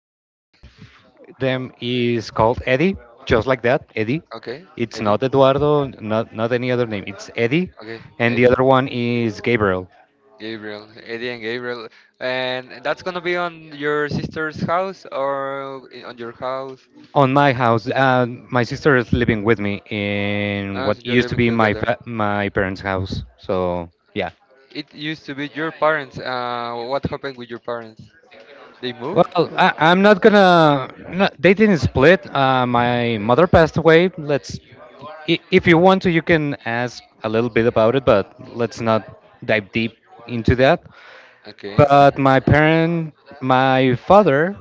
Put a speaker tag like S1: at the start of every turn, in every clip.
S1: 9. One of them is called Eddie, just like that, Eddie.
S2: Okay,
S1: It's
S2: Eddie.
S1: not Eduardo, not any other name. It's Eddie.
S2: Okay,
S1: And the
S2: Eddie,
S1: other one is Gabriel.
S2: Gabriel, Eddie and Gabriel. And that's gonna be on your sister's house or on your house?
S1: On my house, my sister is living with me in
S2: Ah, so
S1: what
S2: you're
S1: used to
S2: living
S1: be
S2: together.
S1: my parents' house. So, yeah.
S2: It used to be your parents. What happened with your parents? They moved?
S1: Well, I'm not gonna. No, they didn't split. My mother passed away. If you want to, you can ask a little bit about it, but let's not dive deep into that.
S2: Okay,
S1: But my father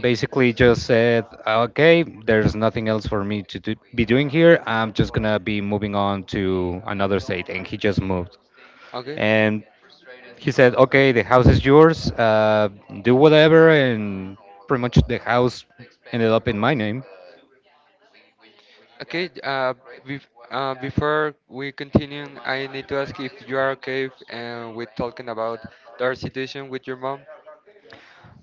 S1: basically just said, "Okay, there's nothing else for me be doing here. I'm just gonna be moving on to another state," and he just moved.
S2: okay.
S1: And he said, "Okay, the house is yours. Do whatever," and pretty much the house ended up in my name.
S2: Okay, before we continue, I need to ask if you are okay if, with talking about their situation with your mom.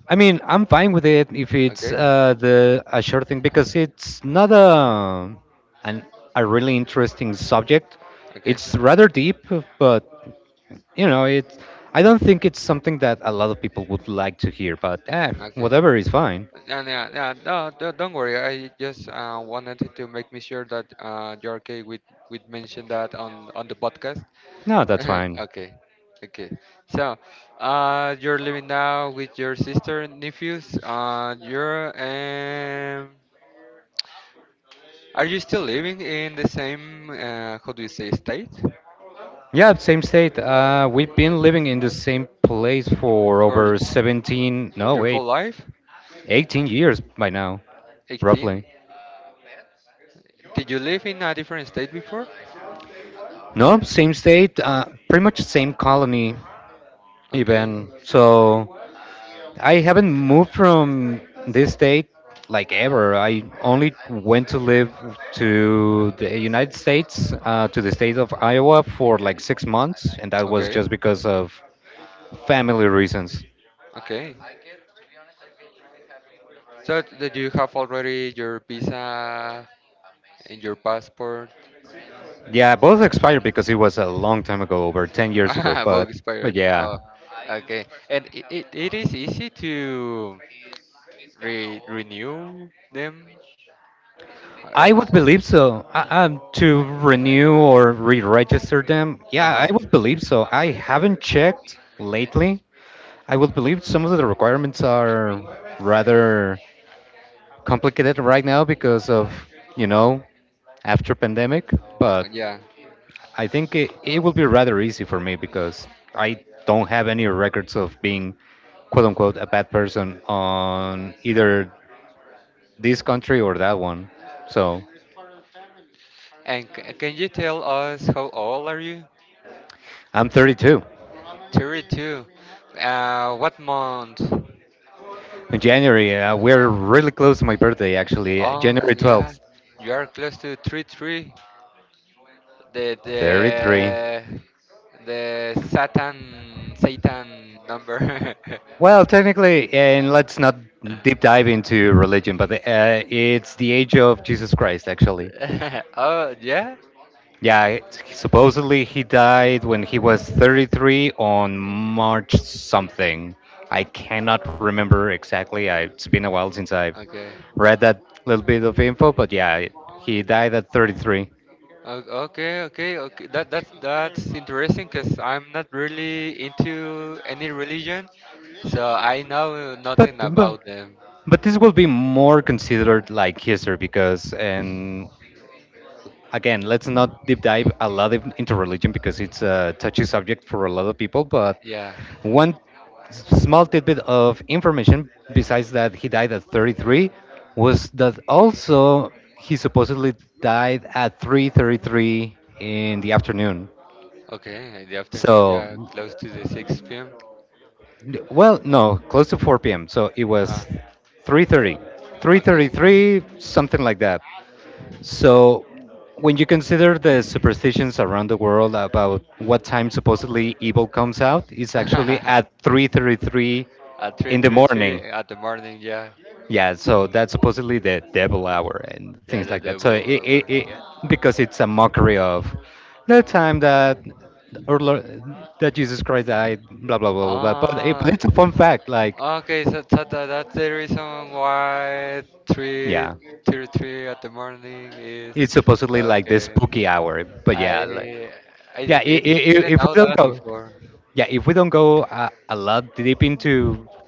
S1: I mean, I'm fine with it if it's
S2: Okay,
S1: the a short thing because it's not an, a really interesting subject.
S2: okay,
S1: It's rather deep, but you know it. I don't think it's something that a lot of people would like to hear. But
S2: okay.
S1: whatever is fine.
S2: Yeah, yeah, yeah. No, no, don't worry. I just wanted to make me sure that you're okay with mention that on the podcast.
S1: No, that's fine.
S2: okay, okay. So, you're living now with your sister and nephews. You're. Are you still living in the same, how do you say, state
S1: Yeah, same state. We've been living in the same place for
S2: for
S1: over 17, no,
S2: your
S1: wait,
S2: whole life?
S1: 18 years by now,
S2: 18.
S1: roughly.
S2: Did you live in a different state before?
S1: No, same state, pretty much same colony,
S2: Okay,
S1: even. So I haven't moved from this state like ever. I only went to live to the United States, to the state of Iowa for like 6 months, and that was
S2: okay,
S1: just because of family reasons.
S2: okay. So did you have already your visa and your passport?
S1: Yeah, both expired because it was a long time ago, over 10 years ago.
S2: Ah, book
S1: But
S2: expired.
S1: yeah,
S2: Oh, okay. And it is easy to re renew them. I don't
S1: I
S2: know
S1: would
S2: how to
S1: believe
S2: say.
S1: so. To renew or re-register them,
S2: Uh-huh. Uh
S1: yeah,
S2: huh.
S1: I would believe so. I haven't checked lately. I would believe some of the requirements are rather complicated right now because of you know after pandemic. But
S2: Yeah.
S1: I think it will be rather easy for me because I don't have any records of being quote unquote a bad person on either this country or that one. So
S2: And can you tell us how old are you?
S1: I'm 32.
S2: 32. What month?
S1: In January, we're really close to my birthday, actually.
S2: Oh,
S1: January
S2: yeah.
S1: 12th,
S2: You are close to 33. The the
S1: 33.
S2: the Satan number.
S1: Well, technically, and let's not deep dive into religion, but it's the age of Jesus Christ, actually.
S2: oh, yeah.
S1: Yeah, supposedly he died when he was 33 on March something. I cannot remember exactly. It's been a while since I've
S2: Okay.
S1: read that little bit of info, but yeah, he died at 33.
S2: Okay, okay, okay. That's interesting because I'm not really into any religion, so I know nothing
S1: But but
S2: about them.
S1: but this will be more considered like history because, and again, let's not deep dive a lot into religion because it's a touchy subject for a lot of people. But
S2: Yeah.
S1: one small tidbit of information besides that he died at 33 was that also he supposedly died at 3:33 in the afternoon.
S2: Okay, in the afternoon,
S1: So
S2: yeah, close to the 6 p.m.
S1: well, no, close to 4 p.m. So it
S2: Ah,
S1: was 3:30,
S2: okay.
S1: 3:33, something like that. So, when you consider the superstitions around the world about what time supposedly evil comes out, it's actually at 3:33
S2: at three,
S1: in the
S2: three, three,
S1: morning.
S2: at the morning, yeah.
S1: Yeah, so that's supposedly the devil hour and
S2: Yeah,
S1: things
S2: the
S1: like that. So
S2: devil
S1: it, it,
S2: lover.
S1: it because it's a mockery of the time that or lo- that Jesus Christ died, blah blah blah blah blah. But
S2: Ah,
S1: it's a fun fact. Like,
S2: okay, so that's the reason why three,
S1: yeah,
S2: three, three at the morning is.
S1: it's supposedly like the
S2: Okay,
S1: spooky hour. But yeah, like,
S2: I, I
S1: yeah,
S2: did, I did-
S1: I
S2: didn't
S1: if we
S2: know
S1: don't
S2: that
S1: go.
S2: before.
S1: Yeah, if we don't go a lot deep into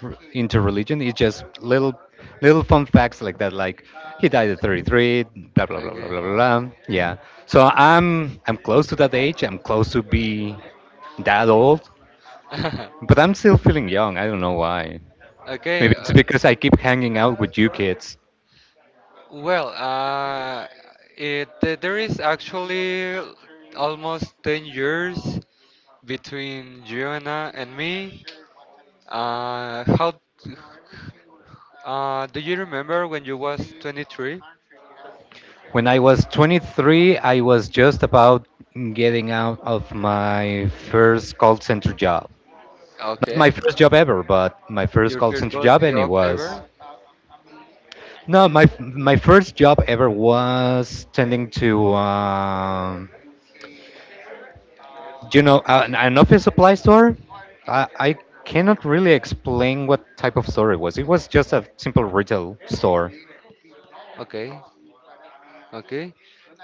S1: into religion, it's just little fun facts like that, like he died at 33, blah blah blah blah
S2: Okay.
S1: blah blah blah. Yeah, so I'm close to that age. I'm close to be that old, but I'm still feeling young. I don't know why. Maybe
S2: okay,
S1: it's because I keep hanging out with you kids.
S2: Well, there is actually almost 10 years between Joanna and me. How do you remember when you was 23?
S1: When I was 23, I was just about getting out of my first call center job. Not my
S2: Okay,
S1: first job ever, but my first
S2: your
S1: call
S2: first
S1: center
S2: boss
S1: job, and it
S2: job
S1: was.
S2: ever?
S1: No, my first job ever was tending to, an office supply store. I cannot really explain what type of store it was. It was just a simple retail store.
S2: Okay, okay.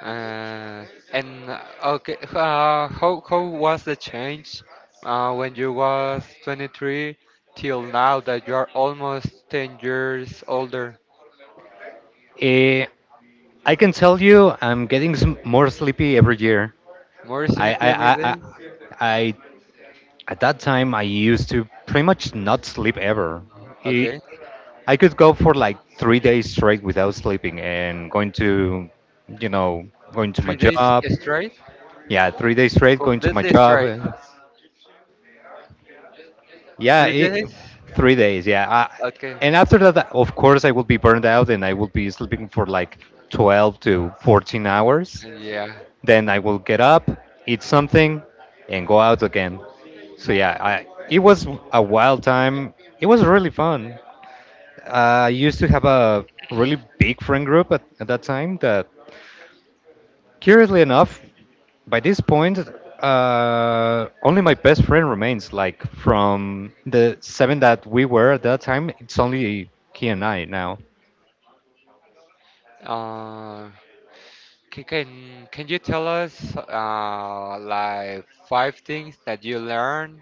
S2: Uh, and okay, how was the change, when you was 23 till now that you are almost 10 years older?
S1: Eh, I can tell you, I'm getting some more sleepy every year.
S2: More
S1: I,
S2: sleep
S1: I,
S2: every
S1: I, I,
S2: day?
S1: I At that time I used to pretty much not sleep ever.
S2: Okay.
S1: I could go for like 3 days straight without sleeping and you know, going to my
S2: 3 days
S1: job.
S2: straight?
S1: Yeah, 3 days straight going to my
S2: Completely
S1: job.
S2: straight.
S1: And yeah,
S2: Three days?
S1: 3 days. Yeah.
S2: Okay.
S1: And after that, of course, I will be burned out and I will be sleeping for like 12 to 14 hours.
S2: Yeah.
S1: Then I will get up, eat something, and go out again. So yeah, it was a wild time. It was really fun. I used to have a really big friend group at that time that, curiously enough, by this point, only my best friend remains. Like from the seven that we were at that time, it's only he and I now.
S2: Uh, can, can you tell us like five things that you learned,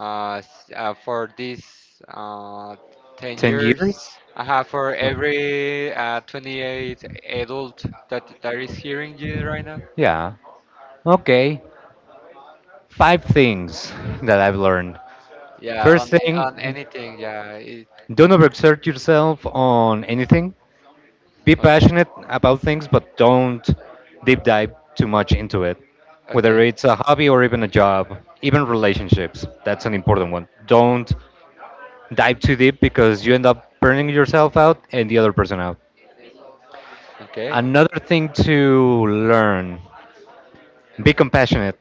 S2: for these 10
S1: 10
S2: years?
S1: years?
S2: For every 28 adult that is hearing you right now?
S1: Yeah. Okay. Five things that I've learned.
S2: Yeah,
S1: First
S2: on
S1: thing,
S2: anything. Yeah.
S1: don't overexert yourself on anything. Be
S2: Okay.
S1: passionate about things, but don't deep dive too much into it. Whether
S2: Okay.
S1: it's a hobby or even a job, even relationships, that's an important one. Don't dive too deep because you end up burning yourself out and the other person out.
S2: Okay.
S1: Another thing to learn, be compassionate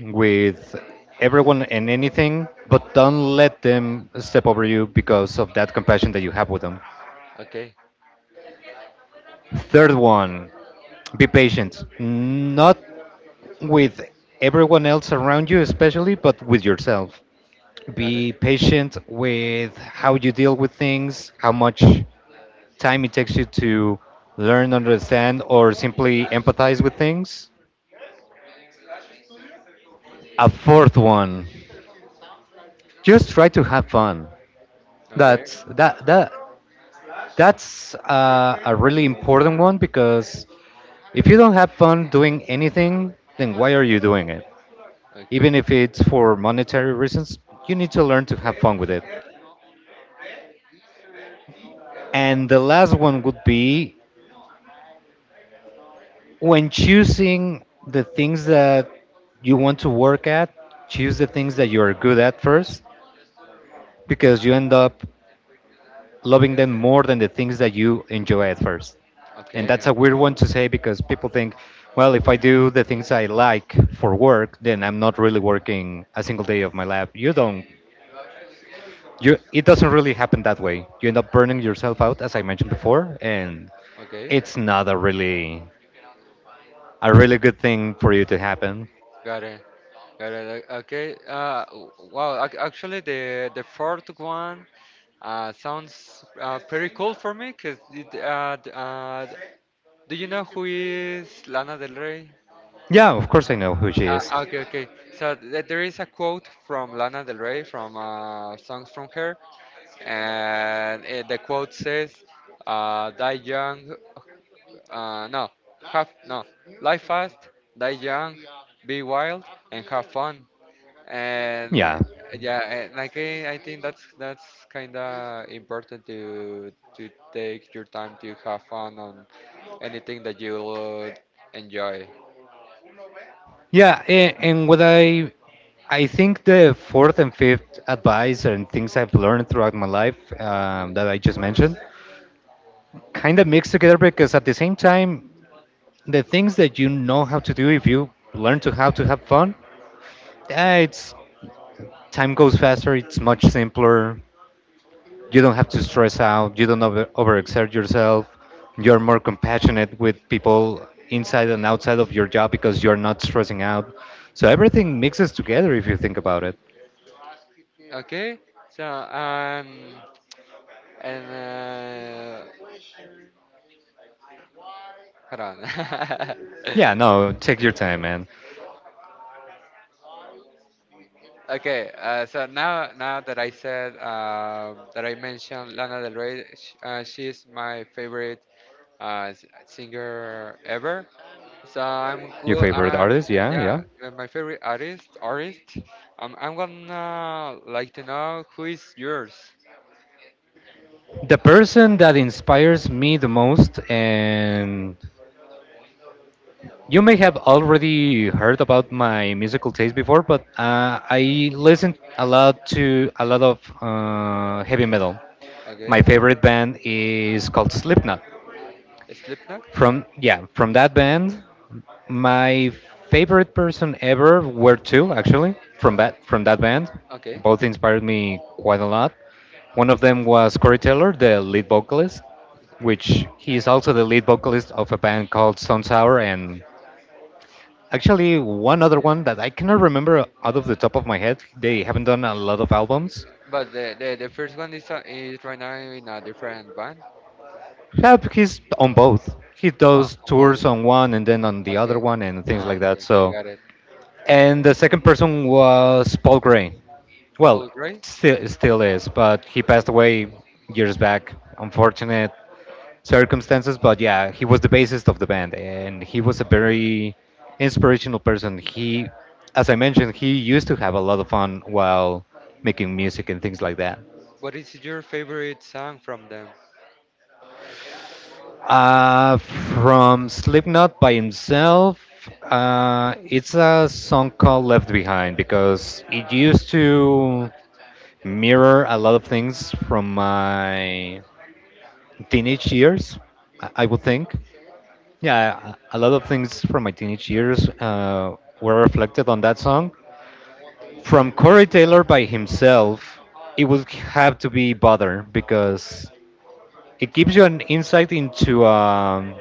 S1: with everyone and anything, but don't let them step over you because of that compassion that you have with them.
S2: Okay.
S1: Third one, be patient. Not with everyone else around you, especially, but with yourself.
S2: Got it.
S1: Be patient with how you deal with things, how much time it takes you to learn, understand, or simply empathize with things. A fourth one, just try to have fun.
S2: Okay.
S1: That's that that that's a really important one because if you don't have fun doing anything, then why are you doing it? Even
S2: Okay.
S1: if it's for monetary reasons, you need to learn to have fun with it. And the last one would be when choosing the things that you want to work at, choose the things that you are good at first, because you end up loving them more than the things that you enjoy at first. And
S2: Okay.
S1: that's a
S2: Okay.
S1: weird one to say because people think, well, if I do the things I like for work, then I'm not really working a single day of my life. You don't. You, it doesn't really happen that way. You end up burning yourself out, as I mentioned before, and
S2: Okay.
S1: it's not a really good thing for you to happen.
S2: Got it. Got it. Okay. Wow. Actually, the fourth one sounds, pretty cool for me because do you know who is Lana Del Rey?
S1: Yeah, of course I know who she is.
S2: Okay, okay. So there is a quote from Lana Del Rey from, songs from her, and, the quote says, "Die young, no, have no. Live fast, die young, be wild, and have fun." And
S1: Yeah,
S2: yeah, and like I think that's kind of important to take your time to have fun on anything that you would enjoy.
S1: yeah, and what I think the fourth and fifth advice and things I've learned throughout my life
S2: Yeah.
S1: that I just mentioned kind of mixed together because at the same time, the things that you know how to do if you learn to how to have fun, it's time goes faster, it's much simpler. You don't have to stress out. You don't over, overexert yourself. You're more compassionate with people inside and outside of your job because you're not stressing out. So everything mixes together if you think about it.
S2: Okay. So and hold on.
S1: Yeah, no, take your time, man.
S2: Okay, so now that I said that I mentioned Lana Del Rey, she's my favorite, singer ever. So I'm
S1: Your
S2: good.
S1: favorite
S2: I'm
S1: artist? Yeah,
S2: Yeah,
S1: yeah.
S2: my favorite artist. Artist. I'm gonna like to know who is yours.
S1: The person that inspires me the most, and you may have already heard about my musical taste before, but I listen a lot to a lot of heavy metal. My
S2: Okay,
S1: favorite band is called Slipknot.
S2: Slipknot.
S1: From that band, my favorite person ever were two, actually, from that band.
S2: Okay,
S1: Both inspired me quite a lot. One of them was Corey Taylor, the lead vocalist, which he is also the lead vocalist of a band called Stone Sour and actually one other one that I cannot remember out of the top of my head. They haven't done a lot of albums.
S2: but the first one is right now in a different band.
S1: Yeah, but he's on both. He
S2: Oh,
S1: does
S2: on both.
S1: tours on one and then on the other
S2: Okay.
S1: one and things
S2: Oh,
S1: like
S2: okay,
S1: that.
S2: okay,
S1: So,
S2: got it.
S1: and the second person was Paul Gray. Well,
S2: Paul Gray.
S1: still is, but he passed away years back. Unfortunate circumstances, but yeah, he was the bassist of the band and he was a very inspirational person. He, as I mentioned, he used to have a lot of fun while making music and things like that.
S2: What is your favorite song from them?
S1: From Slipknot by himself, it's a song called Left Behind because it used to mirror a lot of things from my teenage years, I would think. Yeah, a lot of things from my teenage years were reflected on that song. From Corey Taylor by himself, it would have to be Bother because it gives you an insight into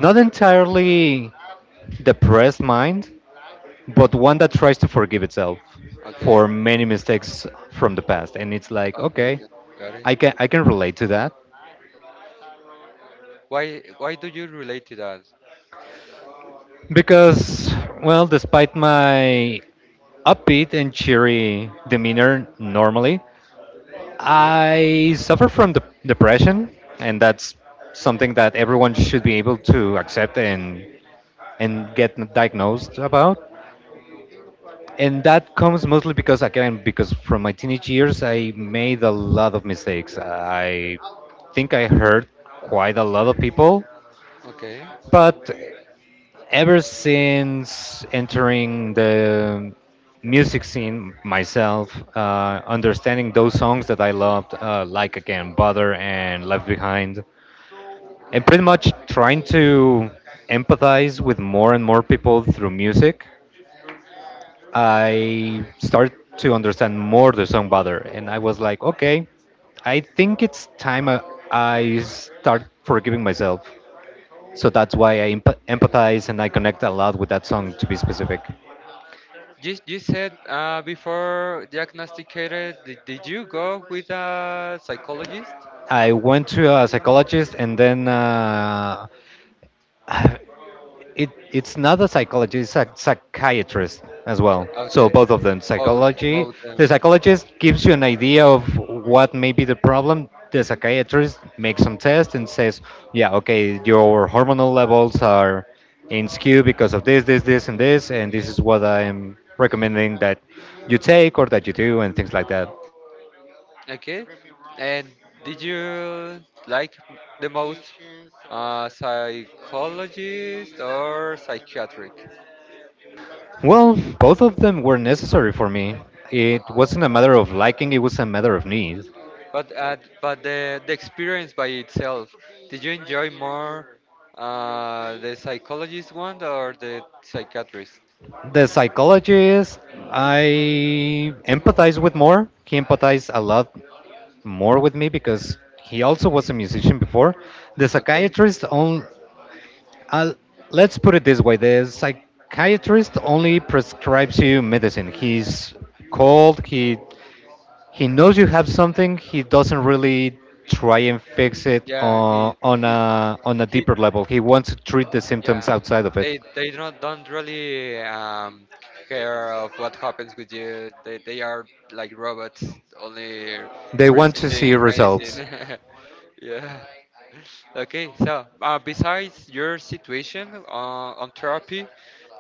S1: not entirely depressed mind, but one that tries to forgive itself
S2: Okay.
S1: for many mistakes from the past. And it's like,
S2: Okay,
S1: okay,
S2: okay. Got it.
S1: I can relate to that
S2: Why do you relate to that?
S1: because, well, despite my upbeat and cheery demeanor normally,
S2: Okay.
S1: I suffer from depression, and that's something that everyone should be able to accept and get diagnosed about. And that comes mostly because again because from my teenage years I made a lot of mistakes. I think I hurt quite a lot of people.
S2: Okay.
S1: But ever since entering the music scene myself, understanding those songs that I loved, like, again, Butter and Left Behind, and pretty much trying to empathize with more and more people through music, I started to understand more the song better, and I was like, okay, I think it's time I start forgiving myself. So that's why I empathize and I connect a lot with that song, to be specific.
S2: You said, before diagnosticated, did you go with a psychologist?
S1: I went to a psychologist, and then, it's not a psychologist, it's a psychiatrist as well. So
S2: Okay.
S1: both of them,
S2: Both
S1: psychology.
S2: both them.
S1: The psychologist gives you an idea of what may be the problem. The psychiatrist makes some tests and says, yeah, okay, your hormonal levels are in skew because of this, this, this, and this, and this is what I'm recommending that you take or that you do and things like that.
S2: Okay. And did you like the most, psychologist or psychiatric?
S1: Well, both of them were necessary for me. It
S2: Uh-huh.
S1: wasn't a matter of liking, it was a matter of need.
S2: But the experience by itself, did you enjoy more the psychologist one or the psychiatrist?
S1: The psychology is I empathize with more. He empathized a lot more with me because he also was a musician before. The
S2: Okay.
S1: psychiatrist only, uh, let's put it this way, the psychiatrist only prescribes you medicine. He's cold. He knows you have something. He doesn't really try and fix it
S2: Yeah,
S1: on, on
S2: he
S1: a on a
S2: he.
S1: deeper level. He wants to treat the symptoms
S2: Yeah,
S1: outside of it.
S2: they don't really care of what happens with you. They are like robots, only
S1: They want to see
S2: receiving medicine.
S1: results.
S2: yeah. Okay. So, besides your situation, on therapy,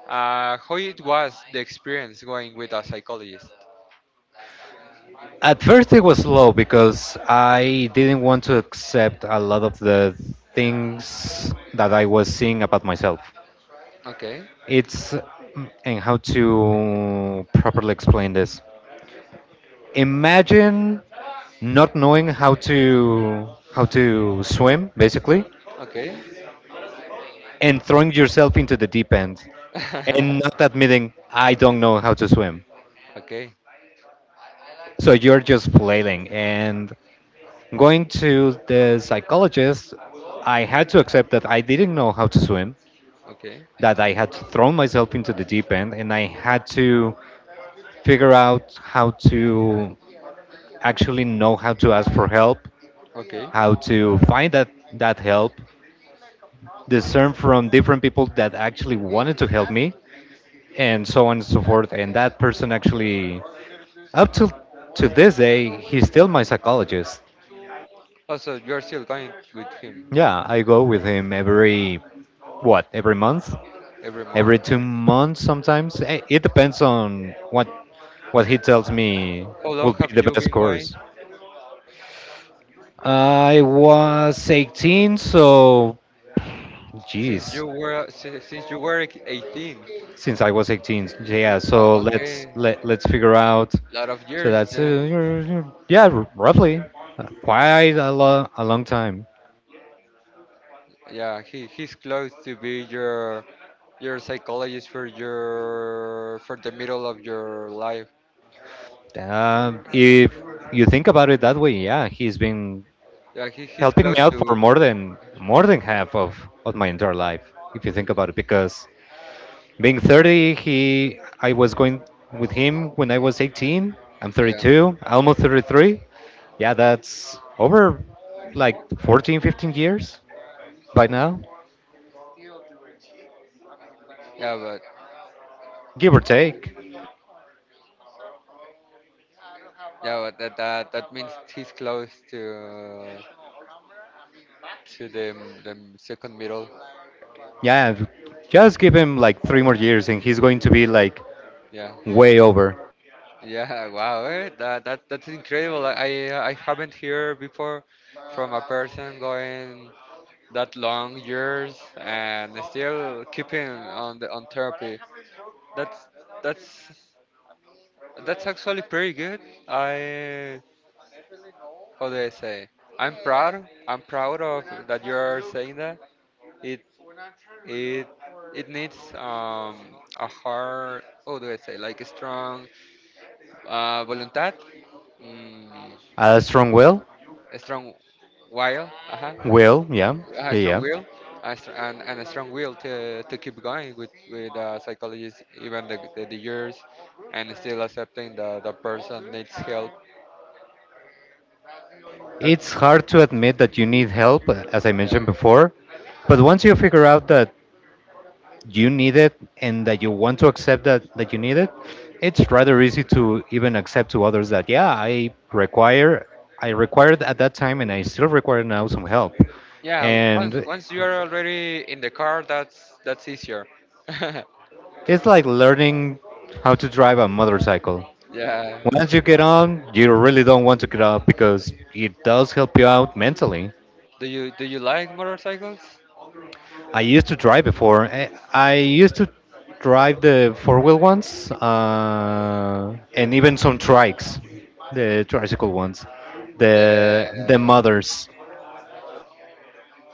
S2: How it was the experience going with a psychologist?
S1: At first, it was slow because I didn't want to accept a lot of the things that I was seeing about myself.
S2: Okay,
S1: It's and how to properly explain this. Imagine not knowing how to swim, basically,
S2: okay,
S1: and throwing yourself into the deep end and not admitting I don't know how to swim.
S2: okay,
S1: So you're just flailing, and going to the psychologist, I had to accept that I didn't know how to swim,
S2: okay,
S1: that I had thrown myself into the deep end, and I had to figure out how to actually know how to ask for help,
S2: okay.
S1: how to find that help, discern from different people that actually wanted to help me, and so on and so forth. And that person actually, up to this day, he's still my psychologist.
S2: Also, you're still going with him
S1: Yeah, I go with him every, what, every month?
S2: every month.
S1: Every 2 months sometimes. It depends on what he tells me
S2: How
S1: will
S2: long
S1: be
S2: have
S1: the
S2: you
S1: best
S2: been going
S1: course. I was 18, so geez,
S2: since you were 18?
S1: since I was 18, yeah. So let's
S2: Okay,
S1: let let's figure out.
S2: lot of
S1: So
S2: years
S1: that's,
S2: then.
S1: yeah, roughly, quite a long time.
S2: Yeah, he's close to be your psychologist for the middle of your life.
S1: If you think about it that way, yeah, he's been
S2: Yeah, he's
S1: helping me
S2: close
S1: out for
S2: to.
S1: more than half of my entire life. If you think about it, because being 30, he I was going with him when I was 18. I'm
S2: Yeah,
S1: 32, almost 33. Yeah, that's over like 14, 15 years by now,
S2: yeah, but,
S1: give or take.
S2: yeah, but that means he's close to to the the second middle.
S1: Yeah, just give him like 3 more years and he's going to be like
S2: Yeah,
S1: way over.
S2: yeah. Wow, eh? That's incredible. I haven't heard before from a person going that long years and still keeping on therapy. That's that's that's actually pretty good. I How do I say? I'm proud. I'm proud of that you're saying that. It. It it needs, a hard, how do I say, like a strong, voluntad, mm,
S1: A strong will?
S2: a strong will, uh-huh,
S1: Will, yeah,
S2: a
S1: yeah,
S2: strong
S1: yeah.
S2: will, and a strong will to keep going with, psychologists, even the years, and still accepting the person needs help. That
S1: It's hard to admit that you need help, as I
S2: Yeah,
S1: mentioned before, but once you figure out that you need it and that you want to accept that you need it, it's rather easy to even accept to others that, yeah, I required at that time and I still require now some help.
S2: yeah. Once
S1: And
S2: once you are already in the car, that's easier.
S1: it's like learning how to drive a motorcycle.
S2: yeah.
S1: Once you get on, you really don't want to get off because it does help you out mentally.
S2: Do you like motorcycles?
S1: I used to drive before. I used to drive the four-wheel ones, and even some trikes, the tricycle ones, the
S2: the
S1: mothers,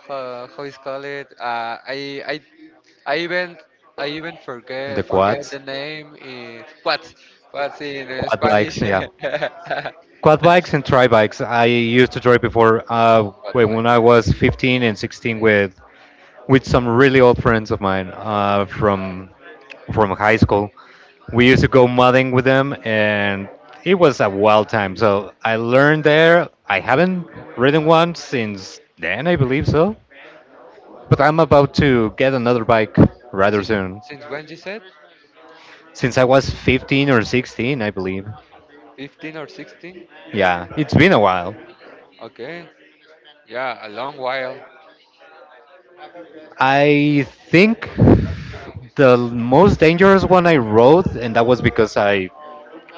S2: how is call it? I even I even forget
S1: the
S2: forget
S1: quads,
S2: the name in what's in
S1: quad
S2: Spanish.
S1: bikes, yeah,
S2: but
S1: quad bikes and tri bikes. I used to drive before, when
S2: like
S1: when I was 15 and 16 with some really old friends of mine, from high school. We used to go mudding with them, and it was a wild time. So I learned there. I haven't ridden one since then, I believe so. But I'm about to get another bike rather
S2: since
S1: soon.
S2: since when you said
S1: Since I was 15 or 16, I believe.
S2: 15 or 16?
S1: Yeah, it's been a while.
S2: Okay, yeah, a long while.
S1: I think the most dangerous one I rode, and that was because I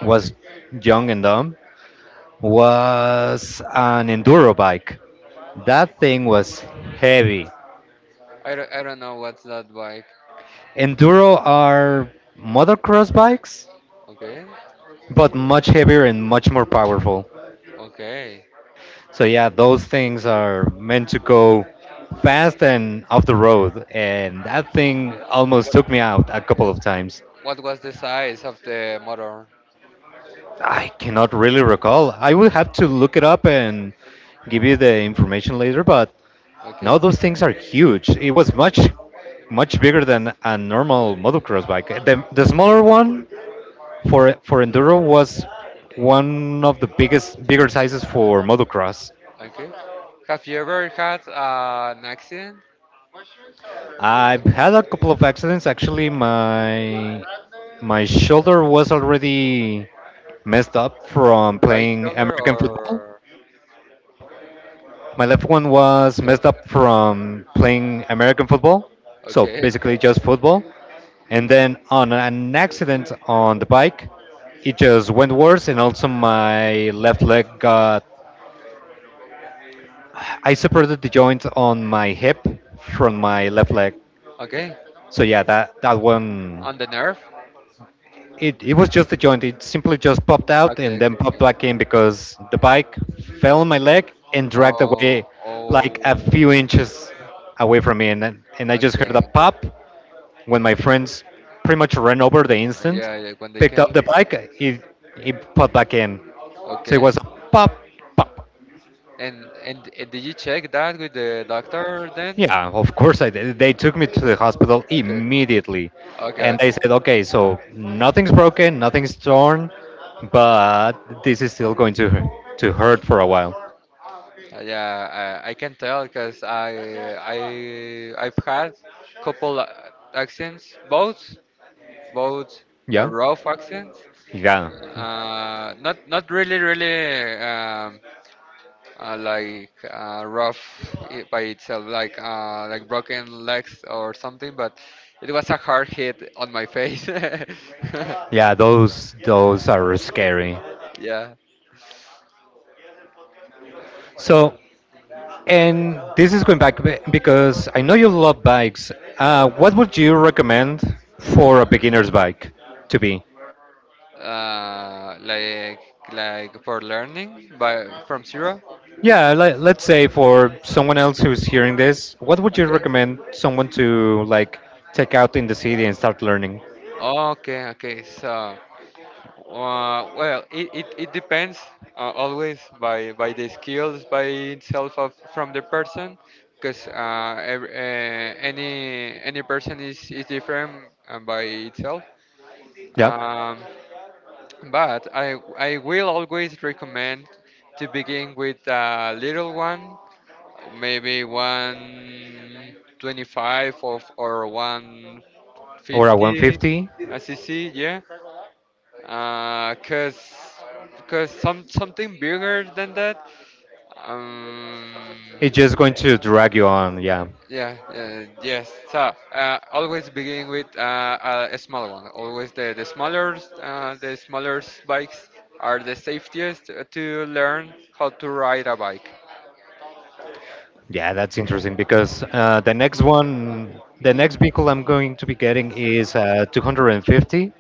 S1: was young and dumb, was an enduro bike. That thing was heavy.
S2: I don't know what's that bike.
S1: Enduro are motocross bikes,
S2: Okay,
S1: but much heavier and much more powerful.
S2: okay.
S1: So yeah, those things are meant to go fast and off the road, and that thing almost
S2: What
S1: took me out a couple of times.
S2: what was the size of the motor?
S1: I cannot really recall. I will have to look it up and give you the information later, but
S2: Okay,
S1: no, those things are huge. It was much, much bigger than a normal motocross bike. The smaller one for enduro was one of the biggest bigger sizes for motocross.
S2: okay. Have you ever had, an accident?
S1: I've had a couple of accidents, actually. My shoulder was already messed up from
S2: Right
S1: playing
S2: shoulder
S1: American football.
S2: or
S1: My left one was messed
S2: left?
S1: up from playing American football. So
S2: Okay.
S1: basically just football. And then, on an accident on the bike, it just went worse, and also my left leg got I separated the joint on my hip from my left leg.
S2: Okay.
S1: So yeah, that one.
S2: On the nerve?
S1: It was just a joint. It simply just popped out
S2: Okay,
S1: and then
S2: okay,
S1: popped
S2: okay.
S1: back in because the bike fell on my leg and dragged
S2: Oh,
S1: away like a few
S2: oh.
S1: inches away from me. And I just heard
S2: Okay.
S1: a pop when my friends pretty much ran over the instant,
S2: Yeah, yeah. When they
S1: picked up
S2: came.
S1: the bike. He popped back in. So it
S2: Okay.
S1: was a pop, pop.
S2: And did you check that with the doctor then?
S1: Yeah, of course I did. They took me to
S2: Uh,
S1: the hospital
S2: okay.
S1: immediately,
S2: Okay,
S1: and they
S2: okay.
S1: said, "Okay, so nothing's broken, nothing's torn, but this is still going to hurt for a while."
S2: Yeah, I can tell because I I've had couple, accidents, both,
S1: Yeah,
S2: rough accidents.
S1: yeah,
S2: Not really like, rough by itself, like, like broken legs or something, but it was a hard hit on my face.
S1: yeah. Those are scary.
S2: Yeah,
S1: So, and this is going back because I know you love bikes. What would you recommend for a beginner's bike to be?
S2: uh, like like for learning by from zero.
S1: Yeah, let's say, for someone else who's hearing this, what would you
S2: Okay,
S1: recommend someone to, like, take out in the city and start learning?
S2: okay, okay. So, well, it depends, always by the skills by itself, from the person, because, any person is different, by itself.
S1: Yeah,
S2: Um, but I will always recommend to begin with a little one, maybe 125 or
S1: or a
S2: 150
S1: 150?
S2: a cc, yeah, uh, cause, cause something bigger than that. Um,
S1: It's just going to drag you on. Yeah,
S2: yeah, yeah, yes. So, always begin with, a small one. Always the smaller bikes are the safest to learn how to ride a bike.
S1: yeah, that's interesting because, the next one, the next vehicle I'm going to be getting is a 250.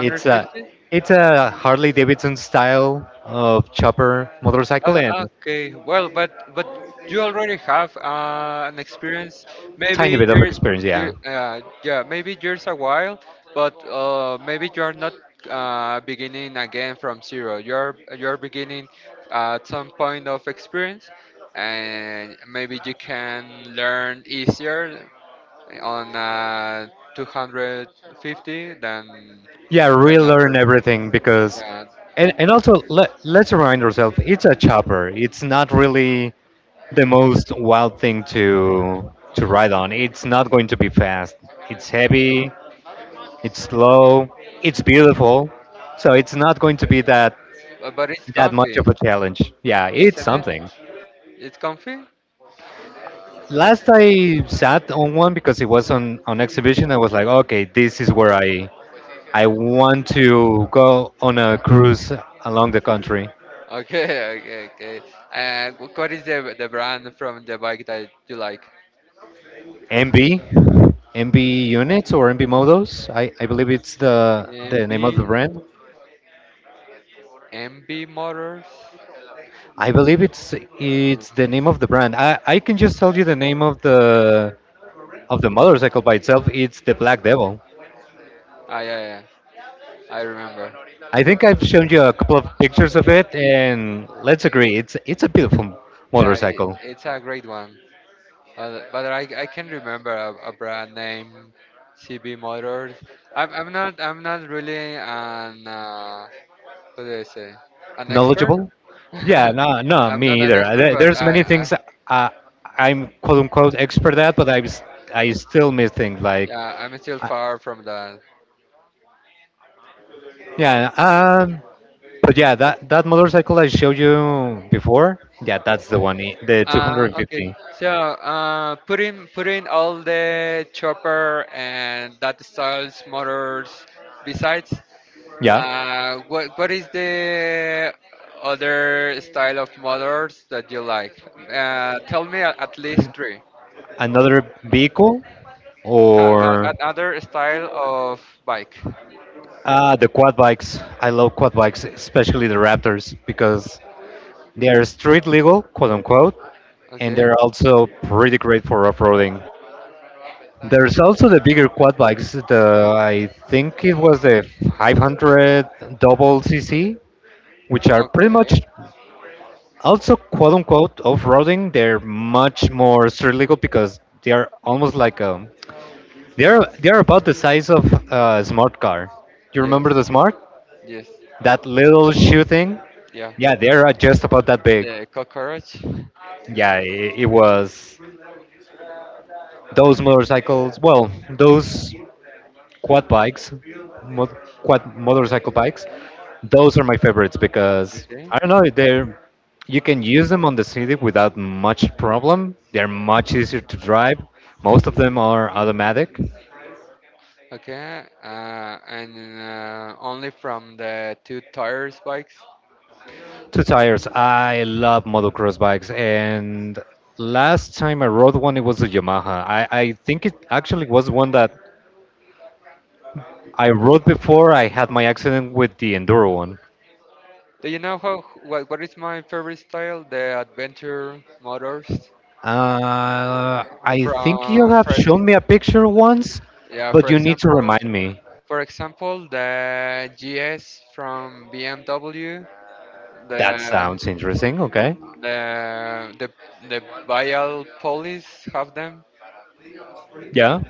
S1: It's a it's a Harley Davidson style of chopper motorcycle, and
S2: Okay, well, but you already have, an experience.
S1: tiny
S2: Maybe
S1: bit of
S2: you're
S1: experience.
S2: you
S1: Yeah.
S2: yeah, maybe years a while, but, maybe you are not, beginning again from zero. You're beginning at some point of experience, and maybe you can learn easier on, 250 than
S1: Yeah,
S2: than a
S1: relearn
S2: person.
S1: everything, because,
S2: Yeah,
S1: and also, let's remind ourselves, it's a chopper. It's not really the most wild thing to ride on. It's not going to be fast. It's heavy. It's slow. It's beautiful. So it's not going to be that
S2: but it's
S1: that much of
S2: comfy,
S1: a challenge. Yeah, it's
S2: isn't it?
S1: something.
S2: It's comfy.
S1: Last I sat on one because it was on exhibition. I was like, okay, this is where I want to go on a cruise along the country.
S2: Okay, okay, okay. And what is the brand from the bike that you like?
S1: MB, MB units or MB modos. I believe it's the
S2: MB,
S1: name of the brand.
S2: MB Motors.
S1: I believe it's
S2: Oh.
S1: it's the name of the brand. I can just tell you the name of the motorcycle by itself. It's the Black Devil.
S2: Ah, yeah, yeah. I remember.
S1: I think I've shown you a couple of pictures of it, and let's agree, it's a beautiful
S2: Yeah, it,
S1: motorcycle.
S2: it's a great one. But I can remember a brand name, CB Motors. I'm not really an, what do I say? An expert.
S1: Knowledgeable? Yeah, no, no,
S2: I'm not
S1: me
S2: an
S1: either.
S2: expert,
S1: There-
S2: but
S1: There's many
S2: I
S1: things, uh, I'm quote unquote expert at, but I still miss things like,
S2: yeah, I'm still
S1: uh,
S2: far from that.
S1: yeah. But yeah, that motorcycle I showed you before, yeah, that's the one, the
S2: Okay,
S1: 250.
S2: so, putting all the chopper and that styles motors besides,
S1: Yeah,
S2: what is the other style of motors that you like? Tell me, at least three.
S1: another vehicle,
S2: No,
S1: or
S2: another style of bike.
S1: the quad bikes. I love quad bikes, especially the Raptors, because they are street legal, quote unquote, and
S2: Okay,
S1: they're also pretty great for off-roading. There's also the bigger quad bikes. The I think it was the 500 double CC, which are pretty much
S2: okay,
S1: also quote unquote off-roading. They're much more street because they are almost like, they're about the size of a smart car. You
S2: yes,
S1: remember the smart,
S2: yes,
S1: that little shoe thing?
S2: yeah.
S1: Yeah, they're, just about that big.
S2: The cockroach.
S1: Yeah, it was, those motorcycles, well, those quad bikes, mod, quad motorcycle bikes. Those are my favorites because
S2: Okay.
S1: I don't know, they're you can use them on the city without much problem. They're much easier to drive. Most of them are automatic.
S2: Okay, and, only from the two tires bikes.
S1: Two tires. I love motocross bikes, and last time I rode one, it was a Yamaha. I think it actually was one that I rode before I had my accident with the enduro one.
S2: Do you know how what is my favorite style? The adventure motors,
S1: I think you
S2: from
S1: have shown me a picture once,
S2: yeah,
S1: but
S2: for
S1: you need to
S2: example,
S1: remind me.
S2: the GS from BMW,
S1: That
S2: the
S1: sounds interesting. Okay.
S2: the the the Bial Police have them.
S1: Yeah.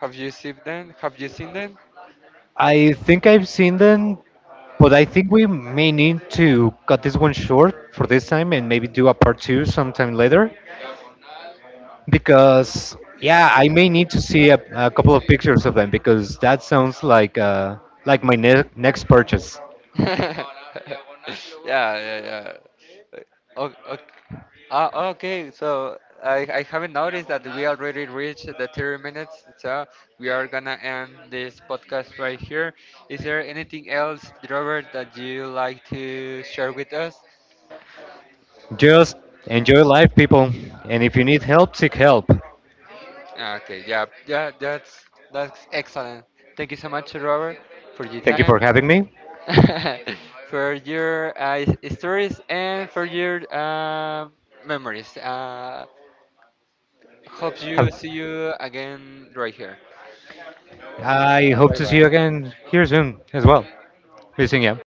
S2: Have you seen them? Have you seen them?
S1: I think I've seen them, but I think we may need to cut this one short for this time and maybe do a part two sometime later. Because, yeah, I may need to see a couple of pictures of them because that sounds like, like my next purchase.
S2: yeah, yeah, yeah. Okay, ah, okay. So I haven't noticed that we already reached the 30 minutes. So we are gonna end this podcast right here. Is there anything else, Robert, that you like to share with us?
S1: Just enjoy life, people. And if you need help, seek help.
S2: Okay. Yeah. Yeah. That's excellent. Thank you so much, Robert, for your
S1: Thank you for
S2: time,
S1: having me.
S2: for your, stories, and for your, memories. Hope
S1: Have-
S2: you see you again right here.
S1: I hope
S2: Bye
S1: to see
S2: bye.
S1: you again here soon as well. We'll see you.